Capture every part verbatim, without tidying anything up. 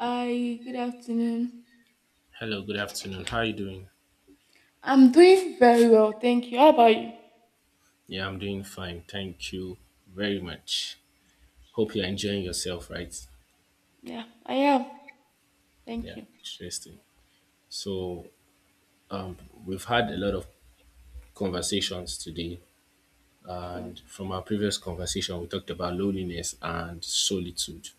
Hi, good afternoon. Hello, good afternoon. How are you doing? I'm doing very well, thank you. How about you? Yeah, I'm doing fine. Thank you very much. Hope you're enjoying yourself, right? Yeah, I am. Thank Yeah, you. interesting. So, we've had a lot of conversations today, True. and from our previous conversation, we talked about loneliness and solitude.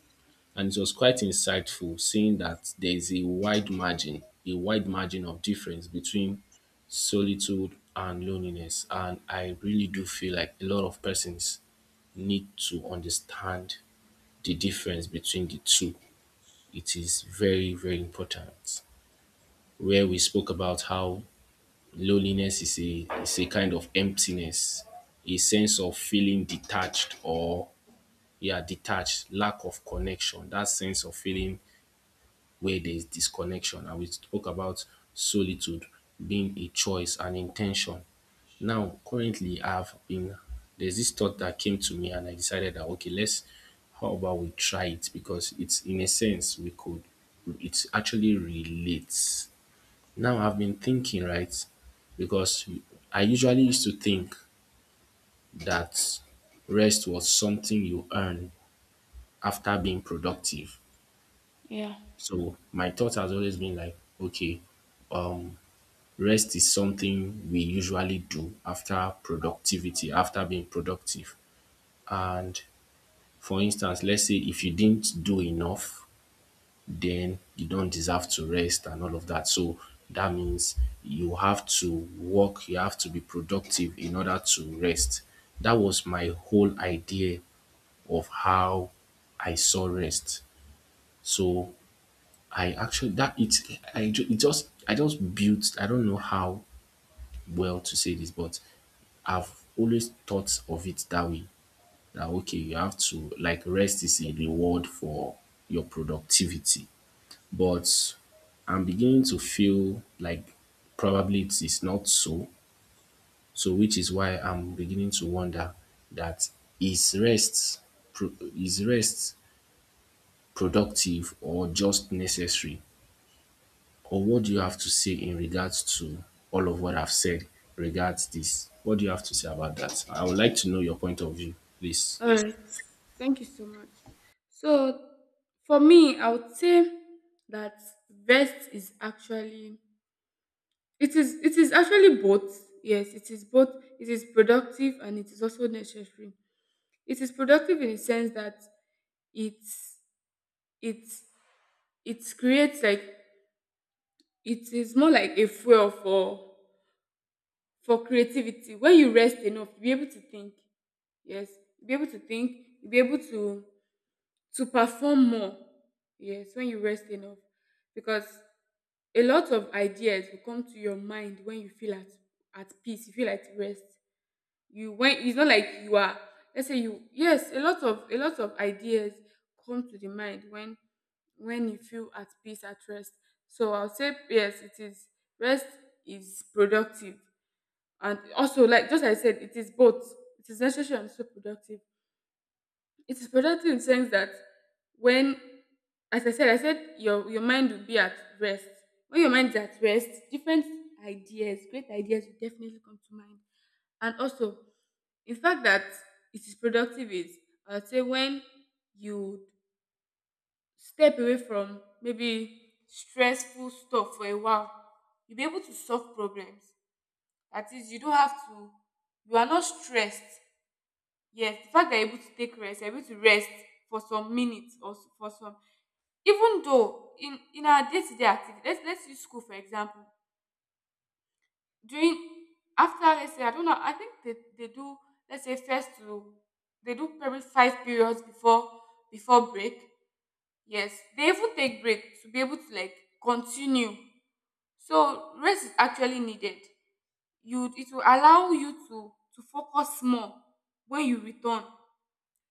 And it was quite insightful seeing that there is a wide margin, a wide margin of difference between solitude and loneliness. And I really do feel like a lot of persons need to understand the difference between the two. It is very, very important. Where we spoke about how loneliness is a is a kind of emptiness, a sense of feeling detached or yeah, detached, lack of connection, that sense of feeling where there is disconnection. And we spoke about solitude being a choice, an intention. Now, currently, I've been there's this thought that came to me, and I decided that okay, let's how about we try it because it's in a sense we could it actually relates. Now, I've been thinking, right? Because I usually used to think that rest was something you earn after being productive. Yeah. So, my thought has always been like, okay, um rest is something we usually do after productivity after being productive. And for instance, let's say if you didn't do enough, then you don't deserve to rest and all of that. So that means you have to work, you have to be productive in order to rest. That was my whole idea of how I saw rest. So I actually that it I ju- it just I just built I don't know how well to say this, but I've always thought of it that way. That okay, you have to like rest is a reward for your productivity. But I'm beginning to feel like probably it is not so. So which is why I'm beginning to wonder that is rest pro- is rest productive or just necessary? Or what do you have to say in regards to all of what I've said regards this? What do you have to say about that? I would like to know your point of view, please. All right. Thank you so much. So, for me, I would say that rest is actually, it is it is actually both. Yes, it is both. It is productive and it is also necessary. It is productive in the sense that it's it's it creates, like, it is more like a fuel for for creativity. When you rest enough, you'll be able to think. Yes, you'll be able to think, you'll be able to to perform more. Yes, when you rest enough, because a lot of ideas will come to your mind when you feel at at peace, you feel at rest. You, when it's not like you are, let's say you, yes, a lot of a lot of ideas come to the mind when when you feel at peace, at rest. So I'll say, yes, it is, rest is productive. And also, like just like I said, it is both. It is necessary and so productive. It is productive in the sense that when, as I said, I said your your mind will be at rest. When your mind is at rest, different ideas, great ideas will definitely come to mind. And also, in fact that it is productive is, I would say, when you step away from maybe stressful stuff for a while, you'll be able to solve problems. That is, you don't have to, you are not stressed. Yes, the fact that you're able to take rest, you're able to rest for some minutes or s- for some, even though in in our day to day activity, let's let's use school for example. During, after, let's say, I don't know, I think they, they do, let's say, first to, they do probably five periods before before break. Yes, they even take break to be able to, like, continue. So rest is actually needed. You, it will allow you to to focus more when you return.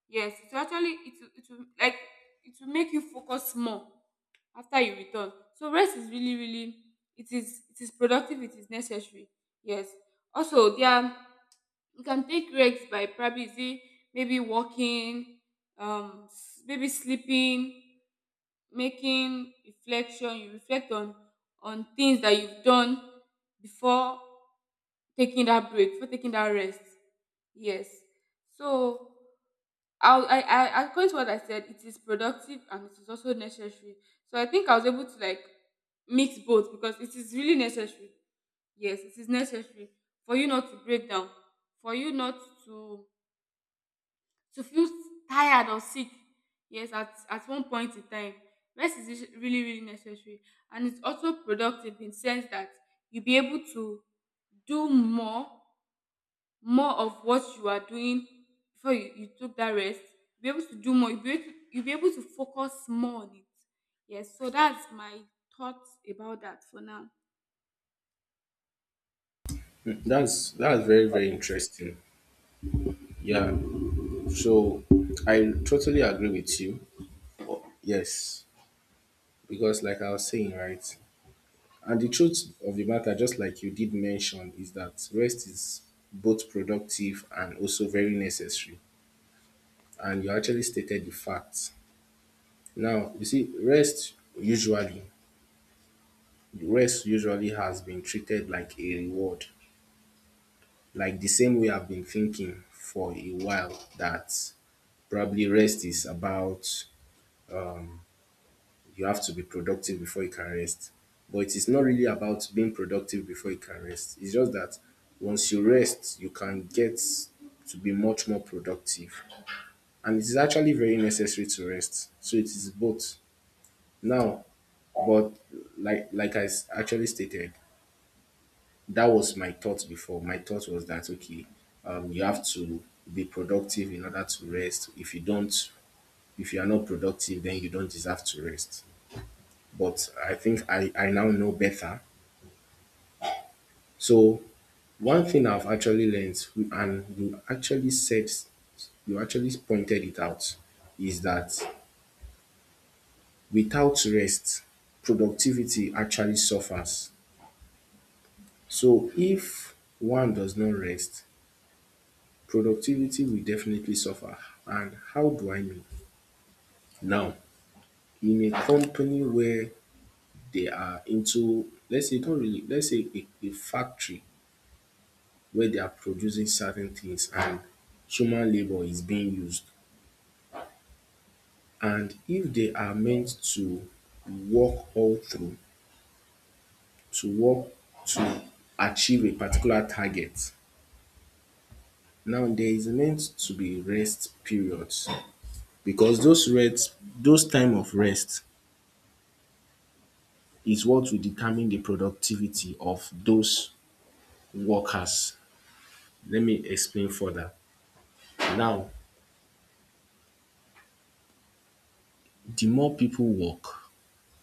Yes, it will actually, it will, it will like it will make you focus more after you return. So rest is really, really, it is it is productive, it is necessary. Yes, also, there are- you can take breaks by, probably, is it, maybe walking, um s- maybe sleeping, making reflection. You reflect on on things that you've done before taking that break, before taking that rest. Yes. So I'll, I, I, according to what I said, it is productive and it is also necessary. So I think I was able to, like, mix both, because it is really necessary. Yes, it is necessary for you not to break down, for you not to to feel tired or sick. Yes, at, at one point in time, rest is is really, really necessary, and it's also productive in sense that you'll be able to do more, more of what you are doing before you, you took that rest. You'll be able to do more, you'll be able to, you'll be able to focus more on it. Yes, so that's my thoughts about that for now. That's that's very, very interesting. Yeah, so I totally agree with you. Yes, because like I was saying, right? And the truth of the matter, just like you did mention, is that rest is both productive and also very necessary. And you actually stated the facts. Now, you see, rest usually, rest usually has been treated like a reward. Like the same way I've been thinking for a while that probably rest is about you have to be productive before you can rest. But it is not really about being productive before you can rest. It's just that once you rest, you can get to be much more productive. And it is actually very necessary to rest. So it is both. Now, but like like I s- actually stated, that was my thought before. My thought was that okay, um, you have to be productive in order to rest. If you don't, if you are not productive, then you don't deserve to rest. But I think I, I now know better. So one thing I've actually learned, and you actually said, you actually pointed it out, is that without rest, productivity actually suffers. So if one does not rest, productivity will definitely suffer. And how do I mean? Now, in a company where they are into, let's say, not really, let's say a, a factory where they are producing certain things and human labor is being used, and if they are meant to work all through, to work to achieve a particular target, now there is meant to be rest periods, because those rest, those time of rest is what will determine the productivity of those workers. Let me explain further. Now, the more people work,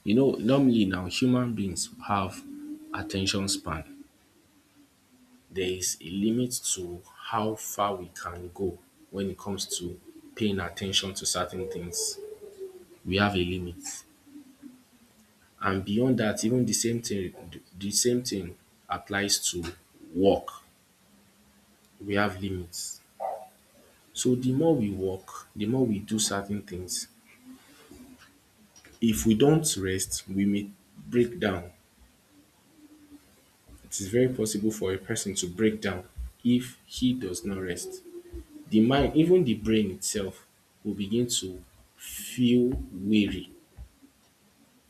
you know, normally now human beings have attention span. There is a limit to how far we can go when it comes to paying attention to certain things. We have a limit. And beyond that, even the same thing the same thing applies to work. We have limits. So the more we work, the more we do certain things. If we don't rest, we may break down. It is very possible for a person to break down if he does not rest. The mind, even the brain itself will begin to feel weary.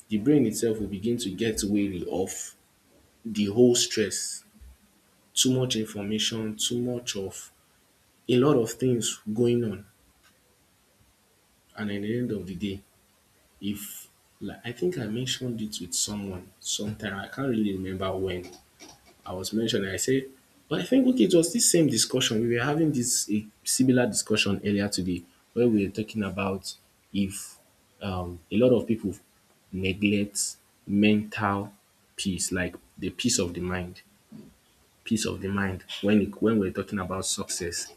The brain itself will begin to get weary of the whole stress, too much information, too much of a lot of things going on. And at the end of the day, if, like I think I mentioned it with someone sometime, I can't really remember when I was mentioning, I said, but I think okay, it was this same discussion. We were having this a similar discussion earlier today, where we were talking about if um, a lot of people neglect mental peace, like the peace of the mind, peace of the mind when it, when we're talking about success.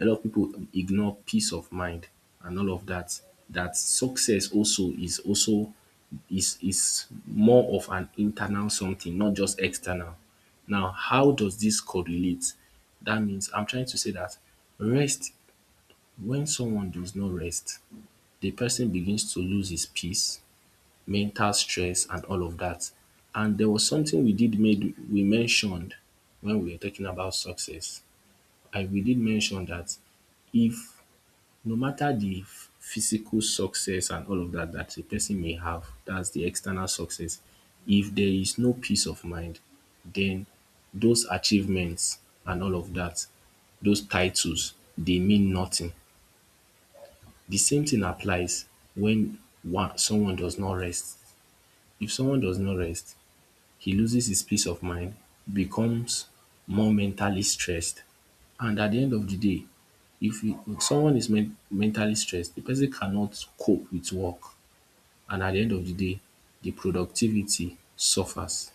A lot of people ignore peace of mind and all of that. That success also is also is is more of an internal something, not just external. Now, how does this correlate? That means I'm trying to say that rest, when someone does not rest, the person begins to lose his peace, mental stress, and all of that. And there was something we did made we mentioned when we were talking about success. I We did mention that if no matter the physical success and all of that that a person may have, that's the external success, if there is no peace of mind, then those achievements and all of that, those titles, they mean nothing. The same thing applies when one someone does not rest. If someone does not rest, he loses his peace of mind, becomes more mentally stressed. And at the end of the day, if, you, if someone is men- mentally stressed, the person cannot cope with work. And at the end of the day, the productivity suffers.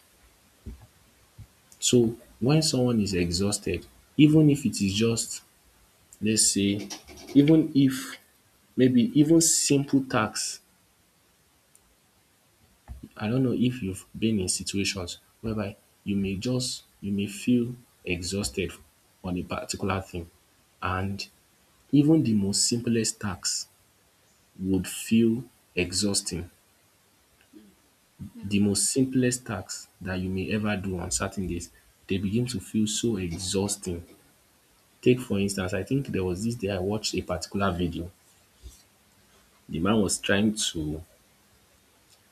So when someone is exhausted, even if it is just, let's say, even if maybe even simple tasks, I don't know if you've been in situations whereby you may just you may feel exhausted on a particular thing, and even the most simplest tasks would feel exhausting. Yeah. The most simplest tasks that you may ever do on certain days, they begin to feel so exhausting. Take for instance, I think there was this day I watched a particular video. The man was trying to,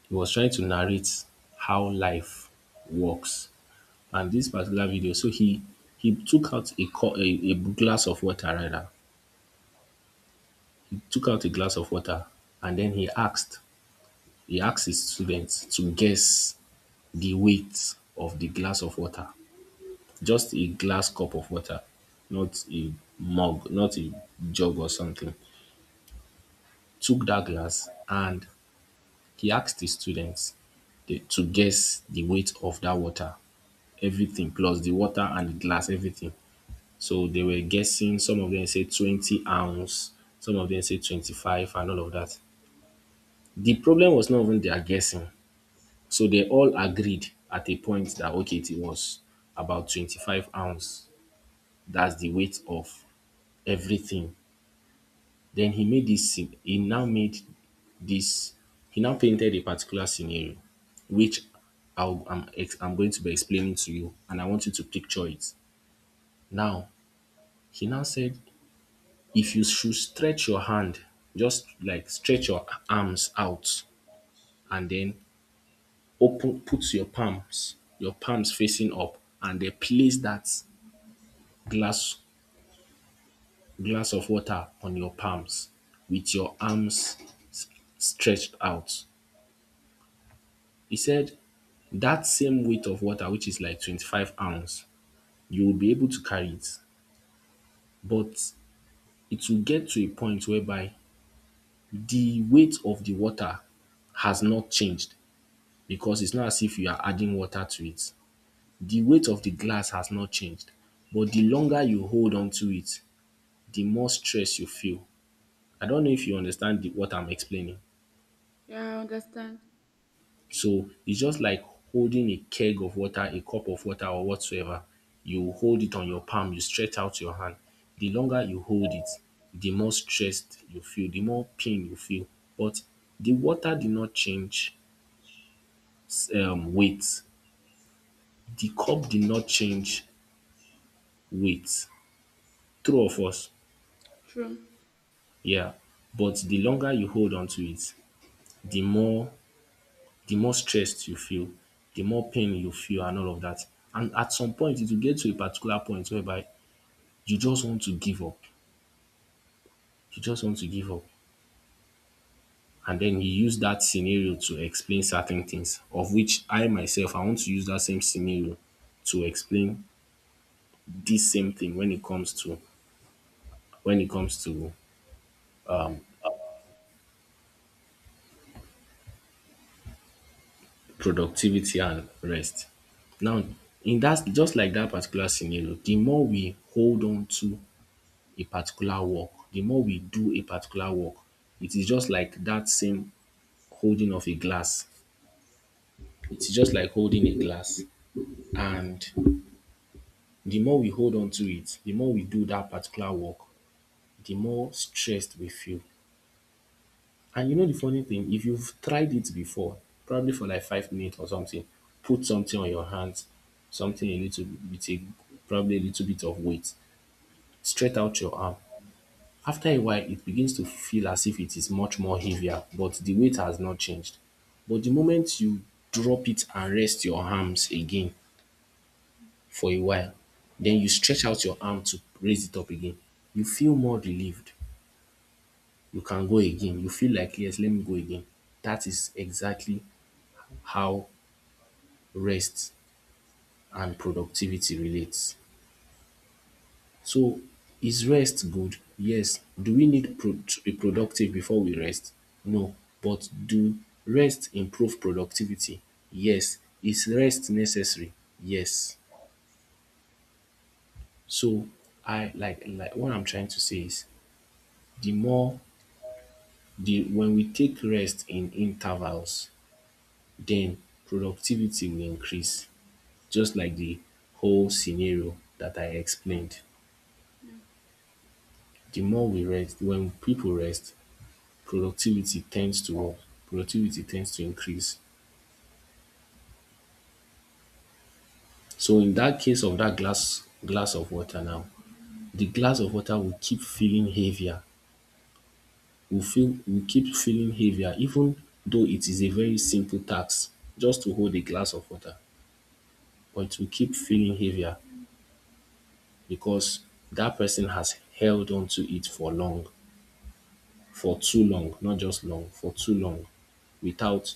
he was trying to narrate how life works. And this particular video, so he he took out a, co- a, a glass of water, rather, he took out a glass of water, and then he asked he asked his students to guess the weight of the glass of water, just a glass cup of water, not a mug, not a jug or something. Took that glass and he asked the students to guess the weight of that water, everything, plus the water and the glass, everything. So they were guessing. Some of them say twenty ounce, some of them say twenty-five, and all of that. The problem was not even their guessing. So they all agreed at a point that, okay, it was about twenty-five ounce. That's the weight of everything. Then he made this, sce- he now made this, he now painted a particular scenario, which I'll, I'm, ex- I'm going to be explaining to you, and I want you to picture it. Now, he now said if you should stretch your hand, just like stretch your arms out, and then open, put your palms, your palms facing up, and then place that glass glass of water on your palms with your arms s- stretched out. He said that same weight of water, which is like twenty-five ounce, you will be able to carry it. But it will get to a point whereby the weight of the water has not changed, because it's not as if you are adding water to it. The weight of the glass has not changed, but the longer you hold on to it, the more stress you feel. I don't know if you understand the, what I'm explaining. Yeah, I understand. So it's just like holding a keg of water, a cup of water, or whatsoever. You hold it on your palm, you stretch out your hand. The longer you hold it, the more stressed you feel, the more pain you feel. But the water did not change s- um, weight, the cup did not change weight. True of us, True. yeah. But the longer you hold on to it, the more the more stressed you feel, the more pain you feel and all of that. And at some point it will get to a particular point whereby you just want to give up. You just want to give up. And then you use that scenario to explain certain things, of which I myself I want to use that same scenario to explain this same thing when it comes to when it comes to productivity and rest. Now, in that, just like that particular scenario, the more we hold on to a particular work, the more we do a particular work, it is just like that same holding of a glass. It's just like holding a glass. And the more we hold on to it, the more we do that particular work, the more stressed we feel. And you know the funny thing, if you've tried it before, probably for like five minutes or something, put something on your hands, something a little bit, a probably a little bit of weight, straight out your arm. After a while, it begins to feel as if it is much more heavier, but the weight has not changed. But the moment you drop it and rest your arms again for a while, then you stretch out your arm to raise it up again, you feel more relieved. You can go again. You feel like, yes, let me go again. That is exactly how rest and productivity relates. So, is rest good? Yes. Do we need pro- to be productive before we rest? No. But do rest improve productivity? Yes. Is rest necessary? Yes. So I like like what I'm trying to say is the more the when we take rest in intervals, then productivity will increase, just like the whole scenario that I explained. The more we rest, when people rest, productivity tends to work, productivity tends to increase. So in that case of that glass glass of water now, the glass of water will keep feeling heavier. Will feel will keep feeling heavier, even though it is a very simple task just to hold a glass of water, but it will keep feeling heavier because that person has held on to it for long, for too long, not just long, for too long, without—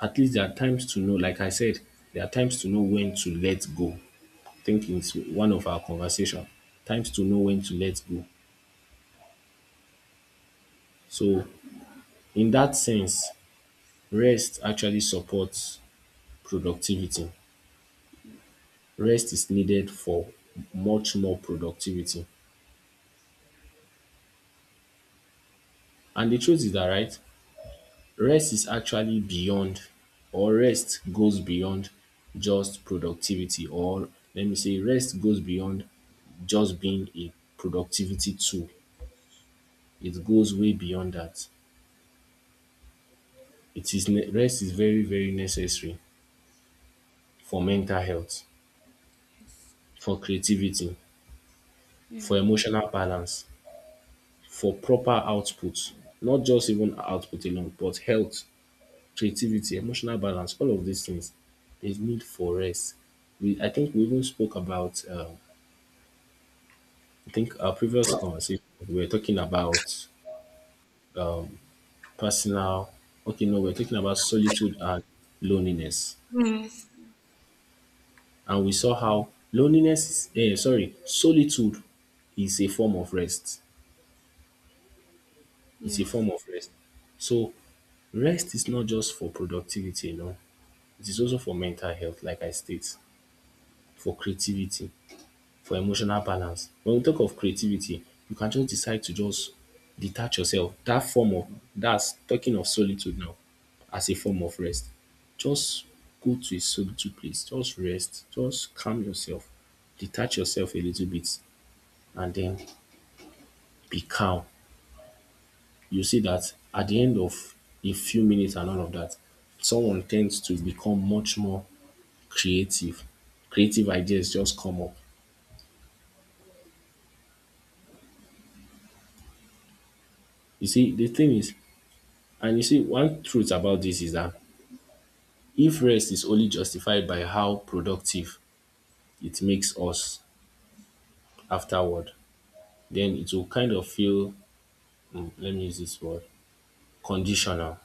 at least there are times to know, like I said, there are times to know when to let go. I think it's one of our conversation. Times to know when to let go. So in that sense, rest actually supports productivity. Rest is needed for much more productivity. And the truth is that, right, rest is actually beyond, or rest goes beyond just productivity, or let me say rest goes beyond just being a productivity tool. It goes way beyond that. It is ne- rest is very, very necessary for mental health, Yes. for creativity, Yeah. for emotional balance, for proper output. Not just even output alone, but health, creativity, emotional balance, all of these things. There's need for rest. We I think we even spoke about uh, I think our previous conversation we were talking about personal. Okay, no, we we're talking about solitude and loneliness. Yes. And we saw how loneliness is, uh, sorry, solitude is a form of rest. It's a Yes. form of rest. So rest is not just for productivity, you know. It is also for mental health, like I state, for creativity, for emotional balance. When we talk of creativity, you can just decide to just detach yourself. That form of— that's talking of solitude now as a form of rest. Just go to a solitude place. Just rest. Just calm yourself. Detach yourself a little bit, and then be calm. You see that at the end of a few minutes and all of that, someone tends to become much more creative. Creative ideas just come up. You see, the thing is, and you see, one truth about this is that if rest is only justified by how productive it makes us afterward, then it will kind of feel, mm, let me use this word, conditional.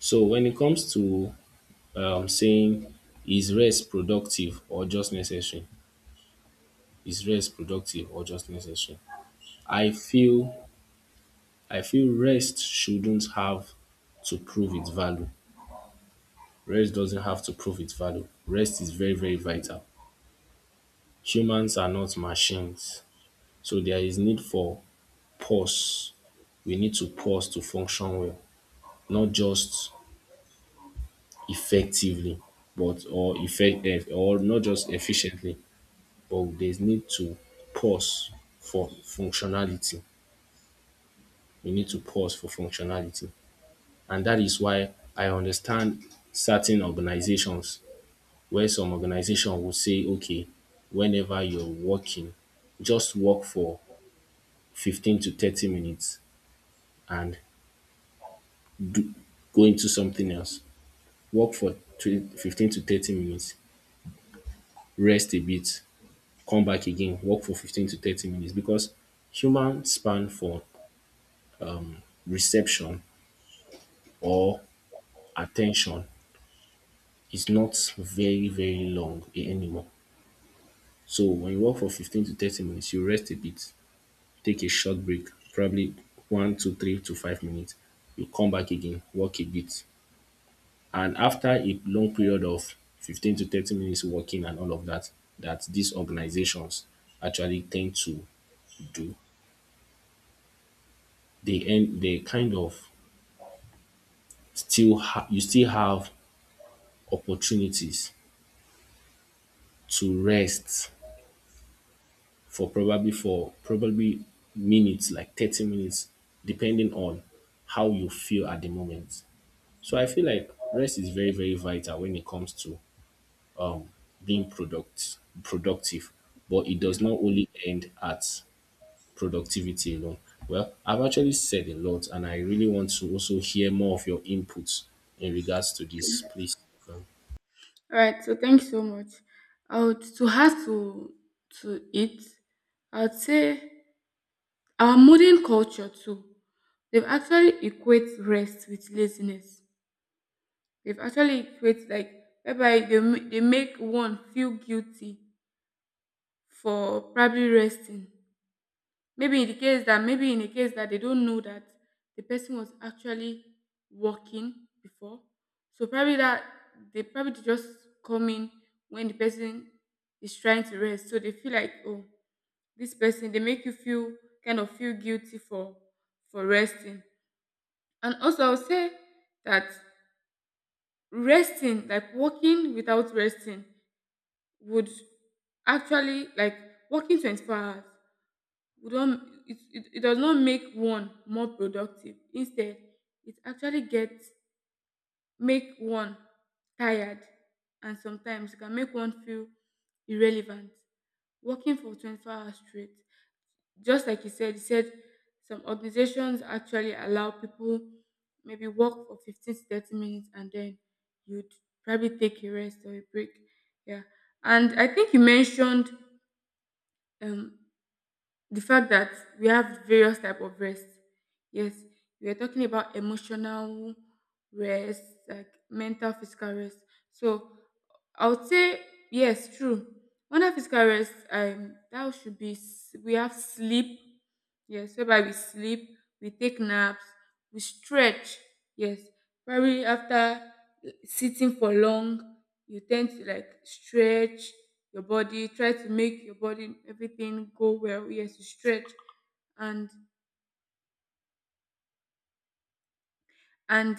So when it comes to um, saying, is rest productive or just necessary? Is rest productive or just necessary? I feel I feel rest shouldn't have to prove its value. Rest doesn't have to prove its value. Rest is very, very vital. Humans are not machines. So there is need for pause. We need to pause to function well, not just effectively, but or effect eh, or not just efficiently, but there's need to pause for functionality. We need to pause for functionality. And that is why I understand certain organizations, where some organization will say, okay, whenever you're working, just work for fifteen to thirty minutes and go into something else. Work for twe- fifteen to thirty minutes, rest a bit, come back again, work for fifteen to thirty minutes, because human span for reception or attention is not very, very long anymore. So when you work for fifteen to thirty minutes, you rest a bit, take a short break, probably one to three to five minutes. You come back again, walk a bit. And after a long period of fifteen to thirty minutes walking and all of that, that these organizations actually tend to do, they end they kind of still ha- you still have opportunities to rest for probably for probably minutes, like thirty minutes, depending on how you feel at the moment. So I feel like rest is very, very vital when it comes to um, being product productive, but it Yeah. does not only end at productivity alone. Well, I've actually said a lot, and I really want to also hear more of your inputs in regards to this, please. Um, All right. So thanks so much. I would to have to to it. I would say our modern culture too. They've actually equate rest with laziness. They've actually created, like, whereby they ma- they make one feel guilty for probably resting. Maybe in the case that maybe in the case that they don't know that the person was actually working before. So probably that they probably just come in when the person is trying to rest. So they feel like, oh, this person, they make you feel, kind of feel guilty for for resting. And also, I would say that resting, like walking without resting, would actually, like working twenty-four hours, would not, it, it, it does not make one more productive. Instead, it actually gets, make one tired, and sometimes it can make one feel irrelevant working for twenty-four hours straight. Just like you said, you said some organizations actually allow people, maybe, work for fifteen to thirty minutes, and then you'd probably take a rest or a break. Yeah. And I think you mentioned, um, the fact that we have various type of rest. Yes, we are talking about emotional rest, like mental, physical rest. So I would say, yes, true. Under physical rest, um, that should be s- we have sleep. Yes, whereby we sleep, we take naps, we stretch. Yes, probably after, eh, sitting for long, you tend to, like, stretch your body, try to make your body, everything, go well. Yes, you stretch and And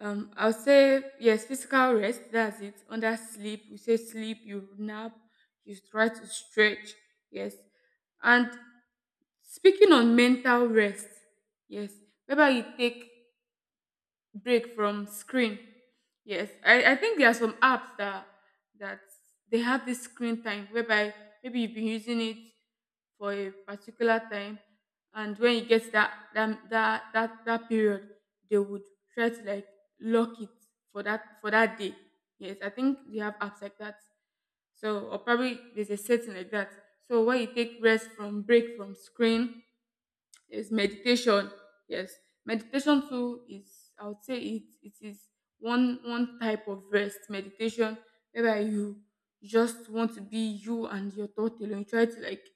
um, I'll say, yes, physical rest. That's it. Under sleep, we say sleep, you nap, you try to stretch. Yes. And speaking on mental rest, yes. Whether you take break from screen. Yes, I, I think there are some apps that that they have this screen time, whereby maybe you've been using it for a particular time, and when you get that that that that, that period, they would try to, like, lock it for that for that day. Yes, I think they have apps like that. So, or probably there's a setting like that. So where you take rest from break from screen, there's meditation. Yes, meditation too is, I would say, it it is one one type of rest, meditation, whereby you just want to be you and your thought alone. You try to, like,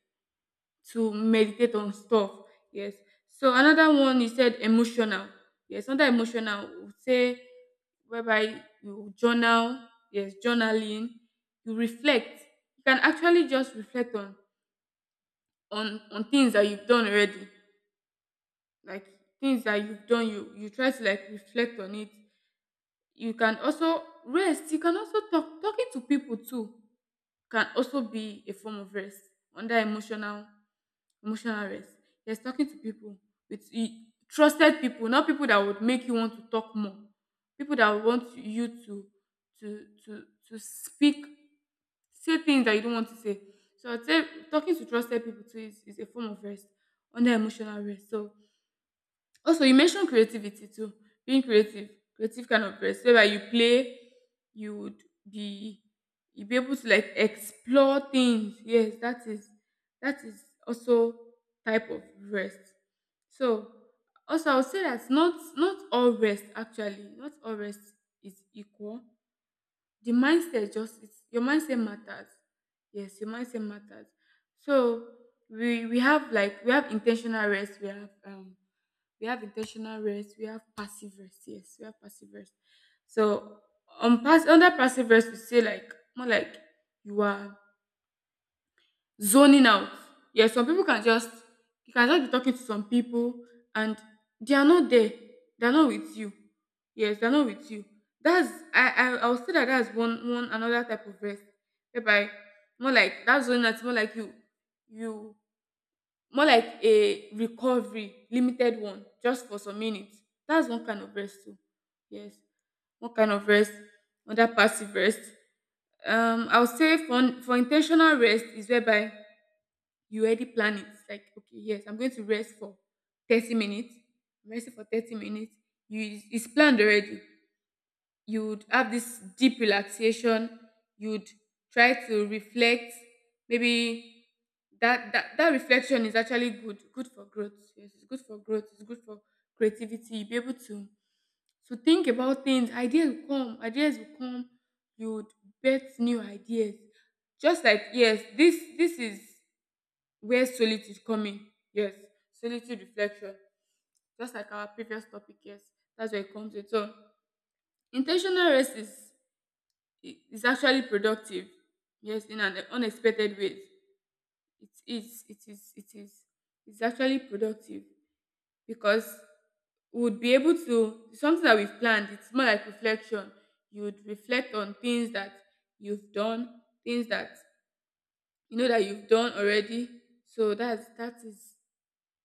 to meditate on stuff. Yes. So another one, you said emotional. Yes, another emotional, we would say whereby you journal. Yes, journaling. You reflect. You can actually just reflect on on on things that you've done already, like things that you've done. You you try to, like, reflect on it. You can also rest, you can also talk talking to people too can also be a form of rest under emotional emotional rest. Yes, talking to people with e- trusted people, not people that would make you want to talk more, people that would want you to to to to speak, say things that you don't want to say. So I'd say talking to trusted people too is, is a form of rest under emotional rest. So also, you mentioned creativity too, being creative, creative kind of person, whereby you play, you would be you'd be able to, like, explore things. Yes, that is that is also type of rest. So also, I would say that not not all rest, actually, not all rest is equal. The mindset just it's, Your mindset matters. Yes, your mindset matters. So we we have, like, we have intentional rest, we have um we have intentional rest, we have passive rest. Yes, we have passive rest. So, on pass under passive rest, we say, like, more like you are zoning out. Yeah, some people can just, you can just be talking to some people, and they are not there. They are not with you. Yes, they are not with you. That's, I I I would say, that that's one, one another type of rest. Whereby, more like that zoning out, more like you you, more like a recovery, limited one, just for some minutes. That's one kind of rest too. Yes, one kind of rest, another passive rest. um I'll say for for intentional rest is, whereby you already plan it, like, okay, yes, I'm going to rest for thirty minutes, I'm resting for thirty minutes, you, it's planned already. You would have this deep relaxation, you'd try to reflect, maybe, that that, that reflection is actually good, good for growth. Yes, it's good for growth, it's good for creativity. You'll be able to to think about things. Ideas will come, ideas will come. You would bet new ideas, just like, yes, this this is where solitude come in. Yes, solitude, reflection, just like our previous topic. Yes, that's where it comes in. So intentional rest is, it- it's actually productive. Yes, in an unexpected way, it is, it is it is it's actually productive, because we would be able to, something that we've planned, it's more like reflection. You would reflect on things that you've done, things that you know that you've done already. So that's, that is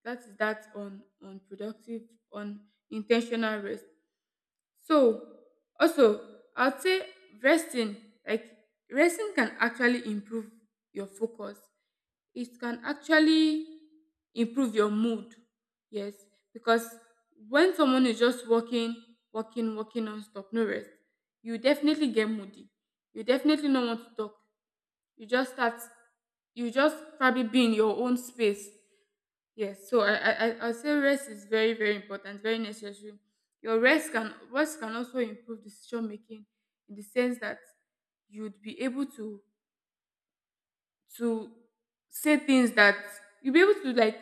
that is that, on on productive, on intentional rest. So, also, I'd say resting, like resting, can actually improve your focus. It can actually improve your mood. Yes. Because when someone is just walking, walking, walking, non-stop, no rest, you definitely get moody. You definitely don't want to talk. You just start, you just probably be in your own space. Yes, so I I I I'll say rest is very, very important, very necessary. Your rest can, rest can also improve decision making, in the sense that you'd be able to to say things that you'll be able to, like,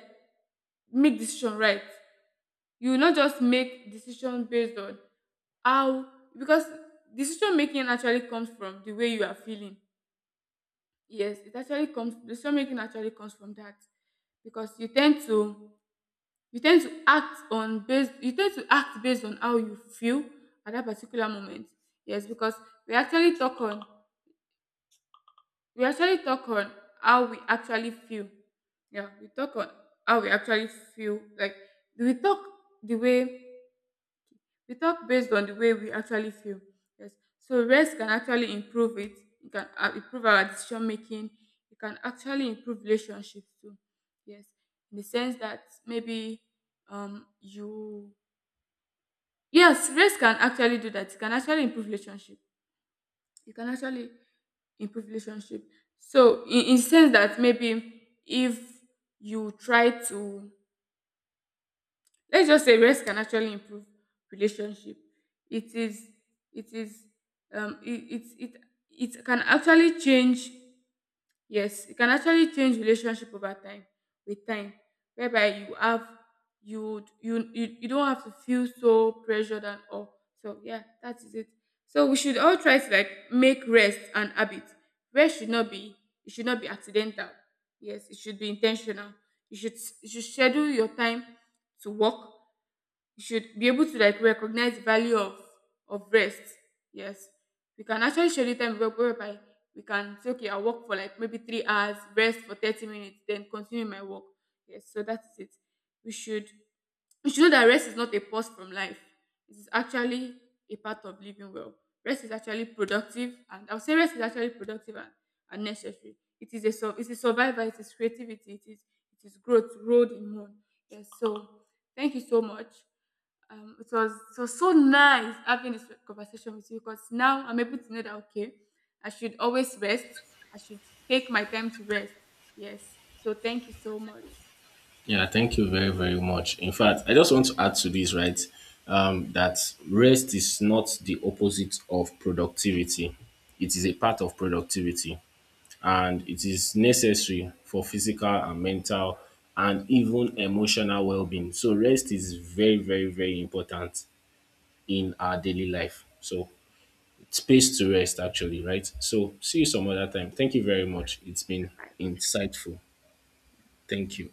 make decision right. You will not just make decision based on how, because decision making actually comes from the way you are feeling. Yes, it actually comes, decision making actually comes from that, because you tend to, you tend to act on based, you tend to act based on how you feel at that particular moment. Yes, because we actually talk on, we actually talk on how we actually feel. Yeah, we talk on how we actually feel, like we talk, the way we talk based on the way we actually feel. Yes, so rest can actually improve it. It can, uh, improve our decision making. It can actually improve relationships too. Yes, in the sense that maybe, um you. Yes, race can actually do that. It can actually improve relationship. It can actually improve relationship. So in, in sense that maybe, if you try to, let's just say race can actually improve relationship. It is, it is um it it it, it can actually change. Yes, it can actually change relationship over time, with time, whereby you have, you would- you you you don't have to feel so pressured and all. So, yeah, that is it. So, we should all try to, like, make rest an habit. Rest should not be, it should not be accidental. Yes, it should be intentional. You should you should schedule your time to work. You should be able to, like, recognize the value of of rest. Yes, we can actually schedule time, where- whereby we can say, okay, I work for like maybe three hours, rest for thirty minutes, then continue my work. Yes, so that's it. We should we should know that rest is not a pause from life. It is actually a part of living well. Rest is actually productive, and I would say rest is actually productive and, and necessary. It is a sur- it is survival. It is creativity. It is it is growth road, in one. Yes. So thank you so much. Um, it was it was so nice having this conversation with you, because now I'm able to know that, okay, I should always rest. I should take my time to rest. Yes. So thank you so much. Yeah, thank you very, very much. In fact, I just want to add to this, right? Um, that rest is not the opposite of productivity, it is a part of productivity, and it is necessary for physical and mental and even emotional well-being. So rest is very, very, very important in our daily life. So space to rest actually, right? So see you some other time. Thank you very much. It's been insightful. Thank you.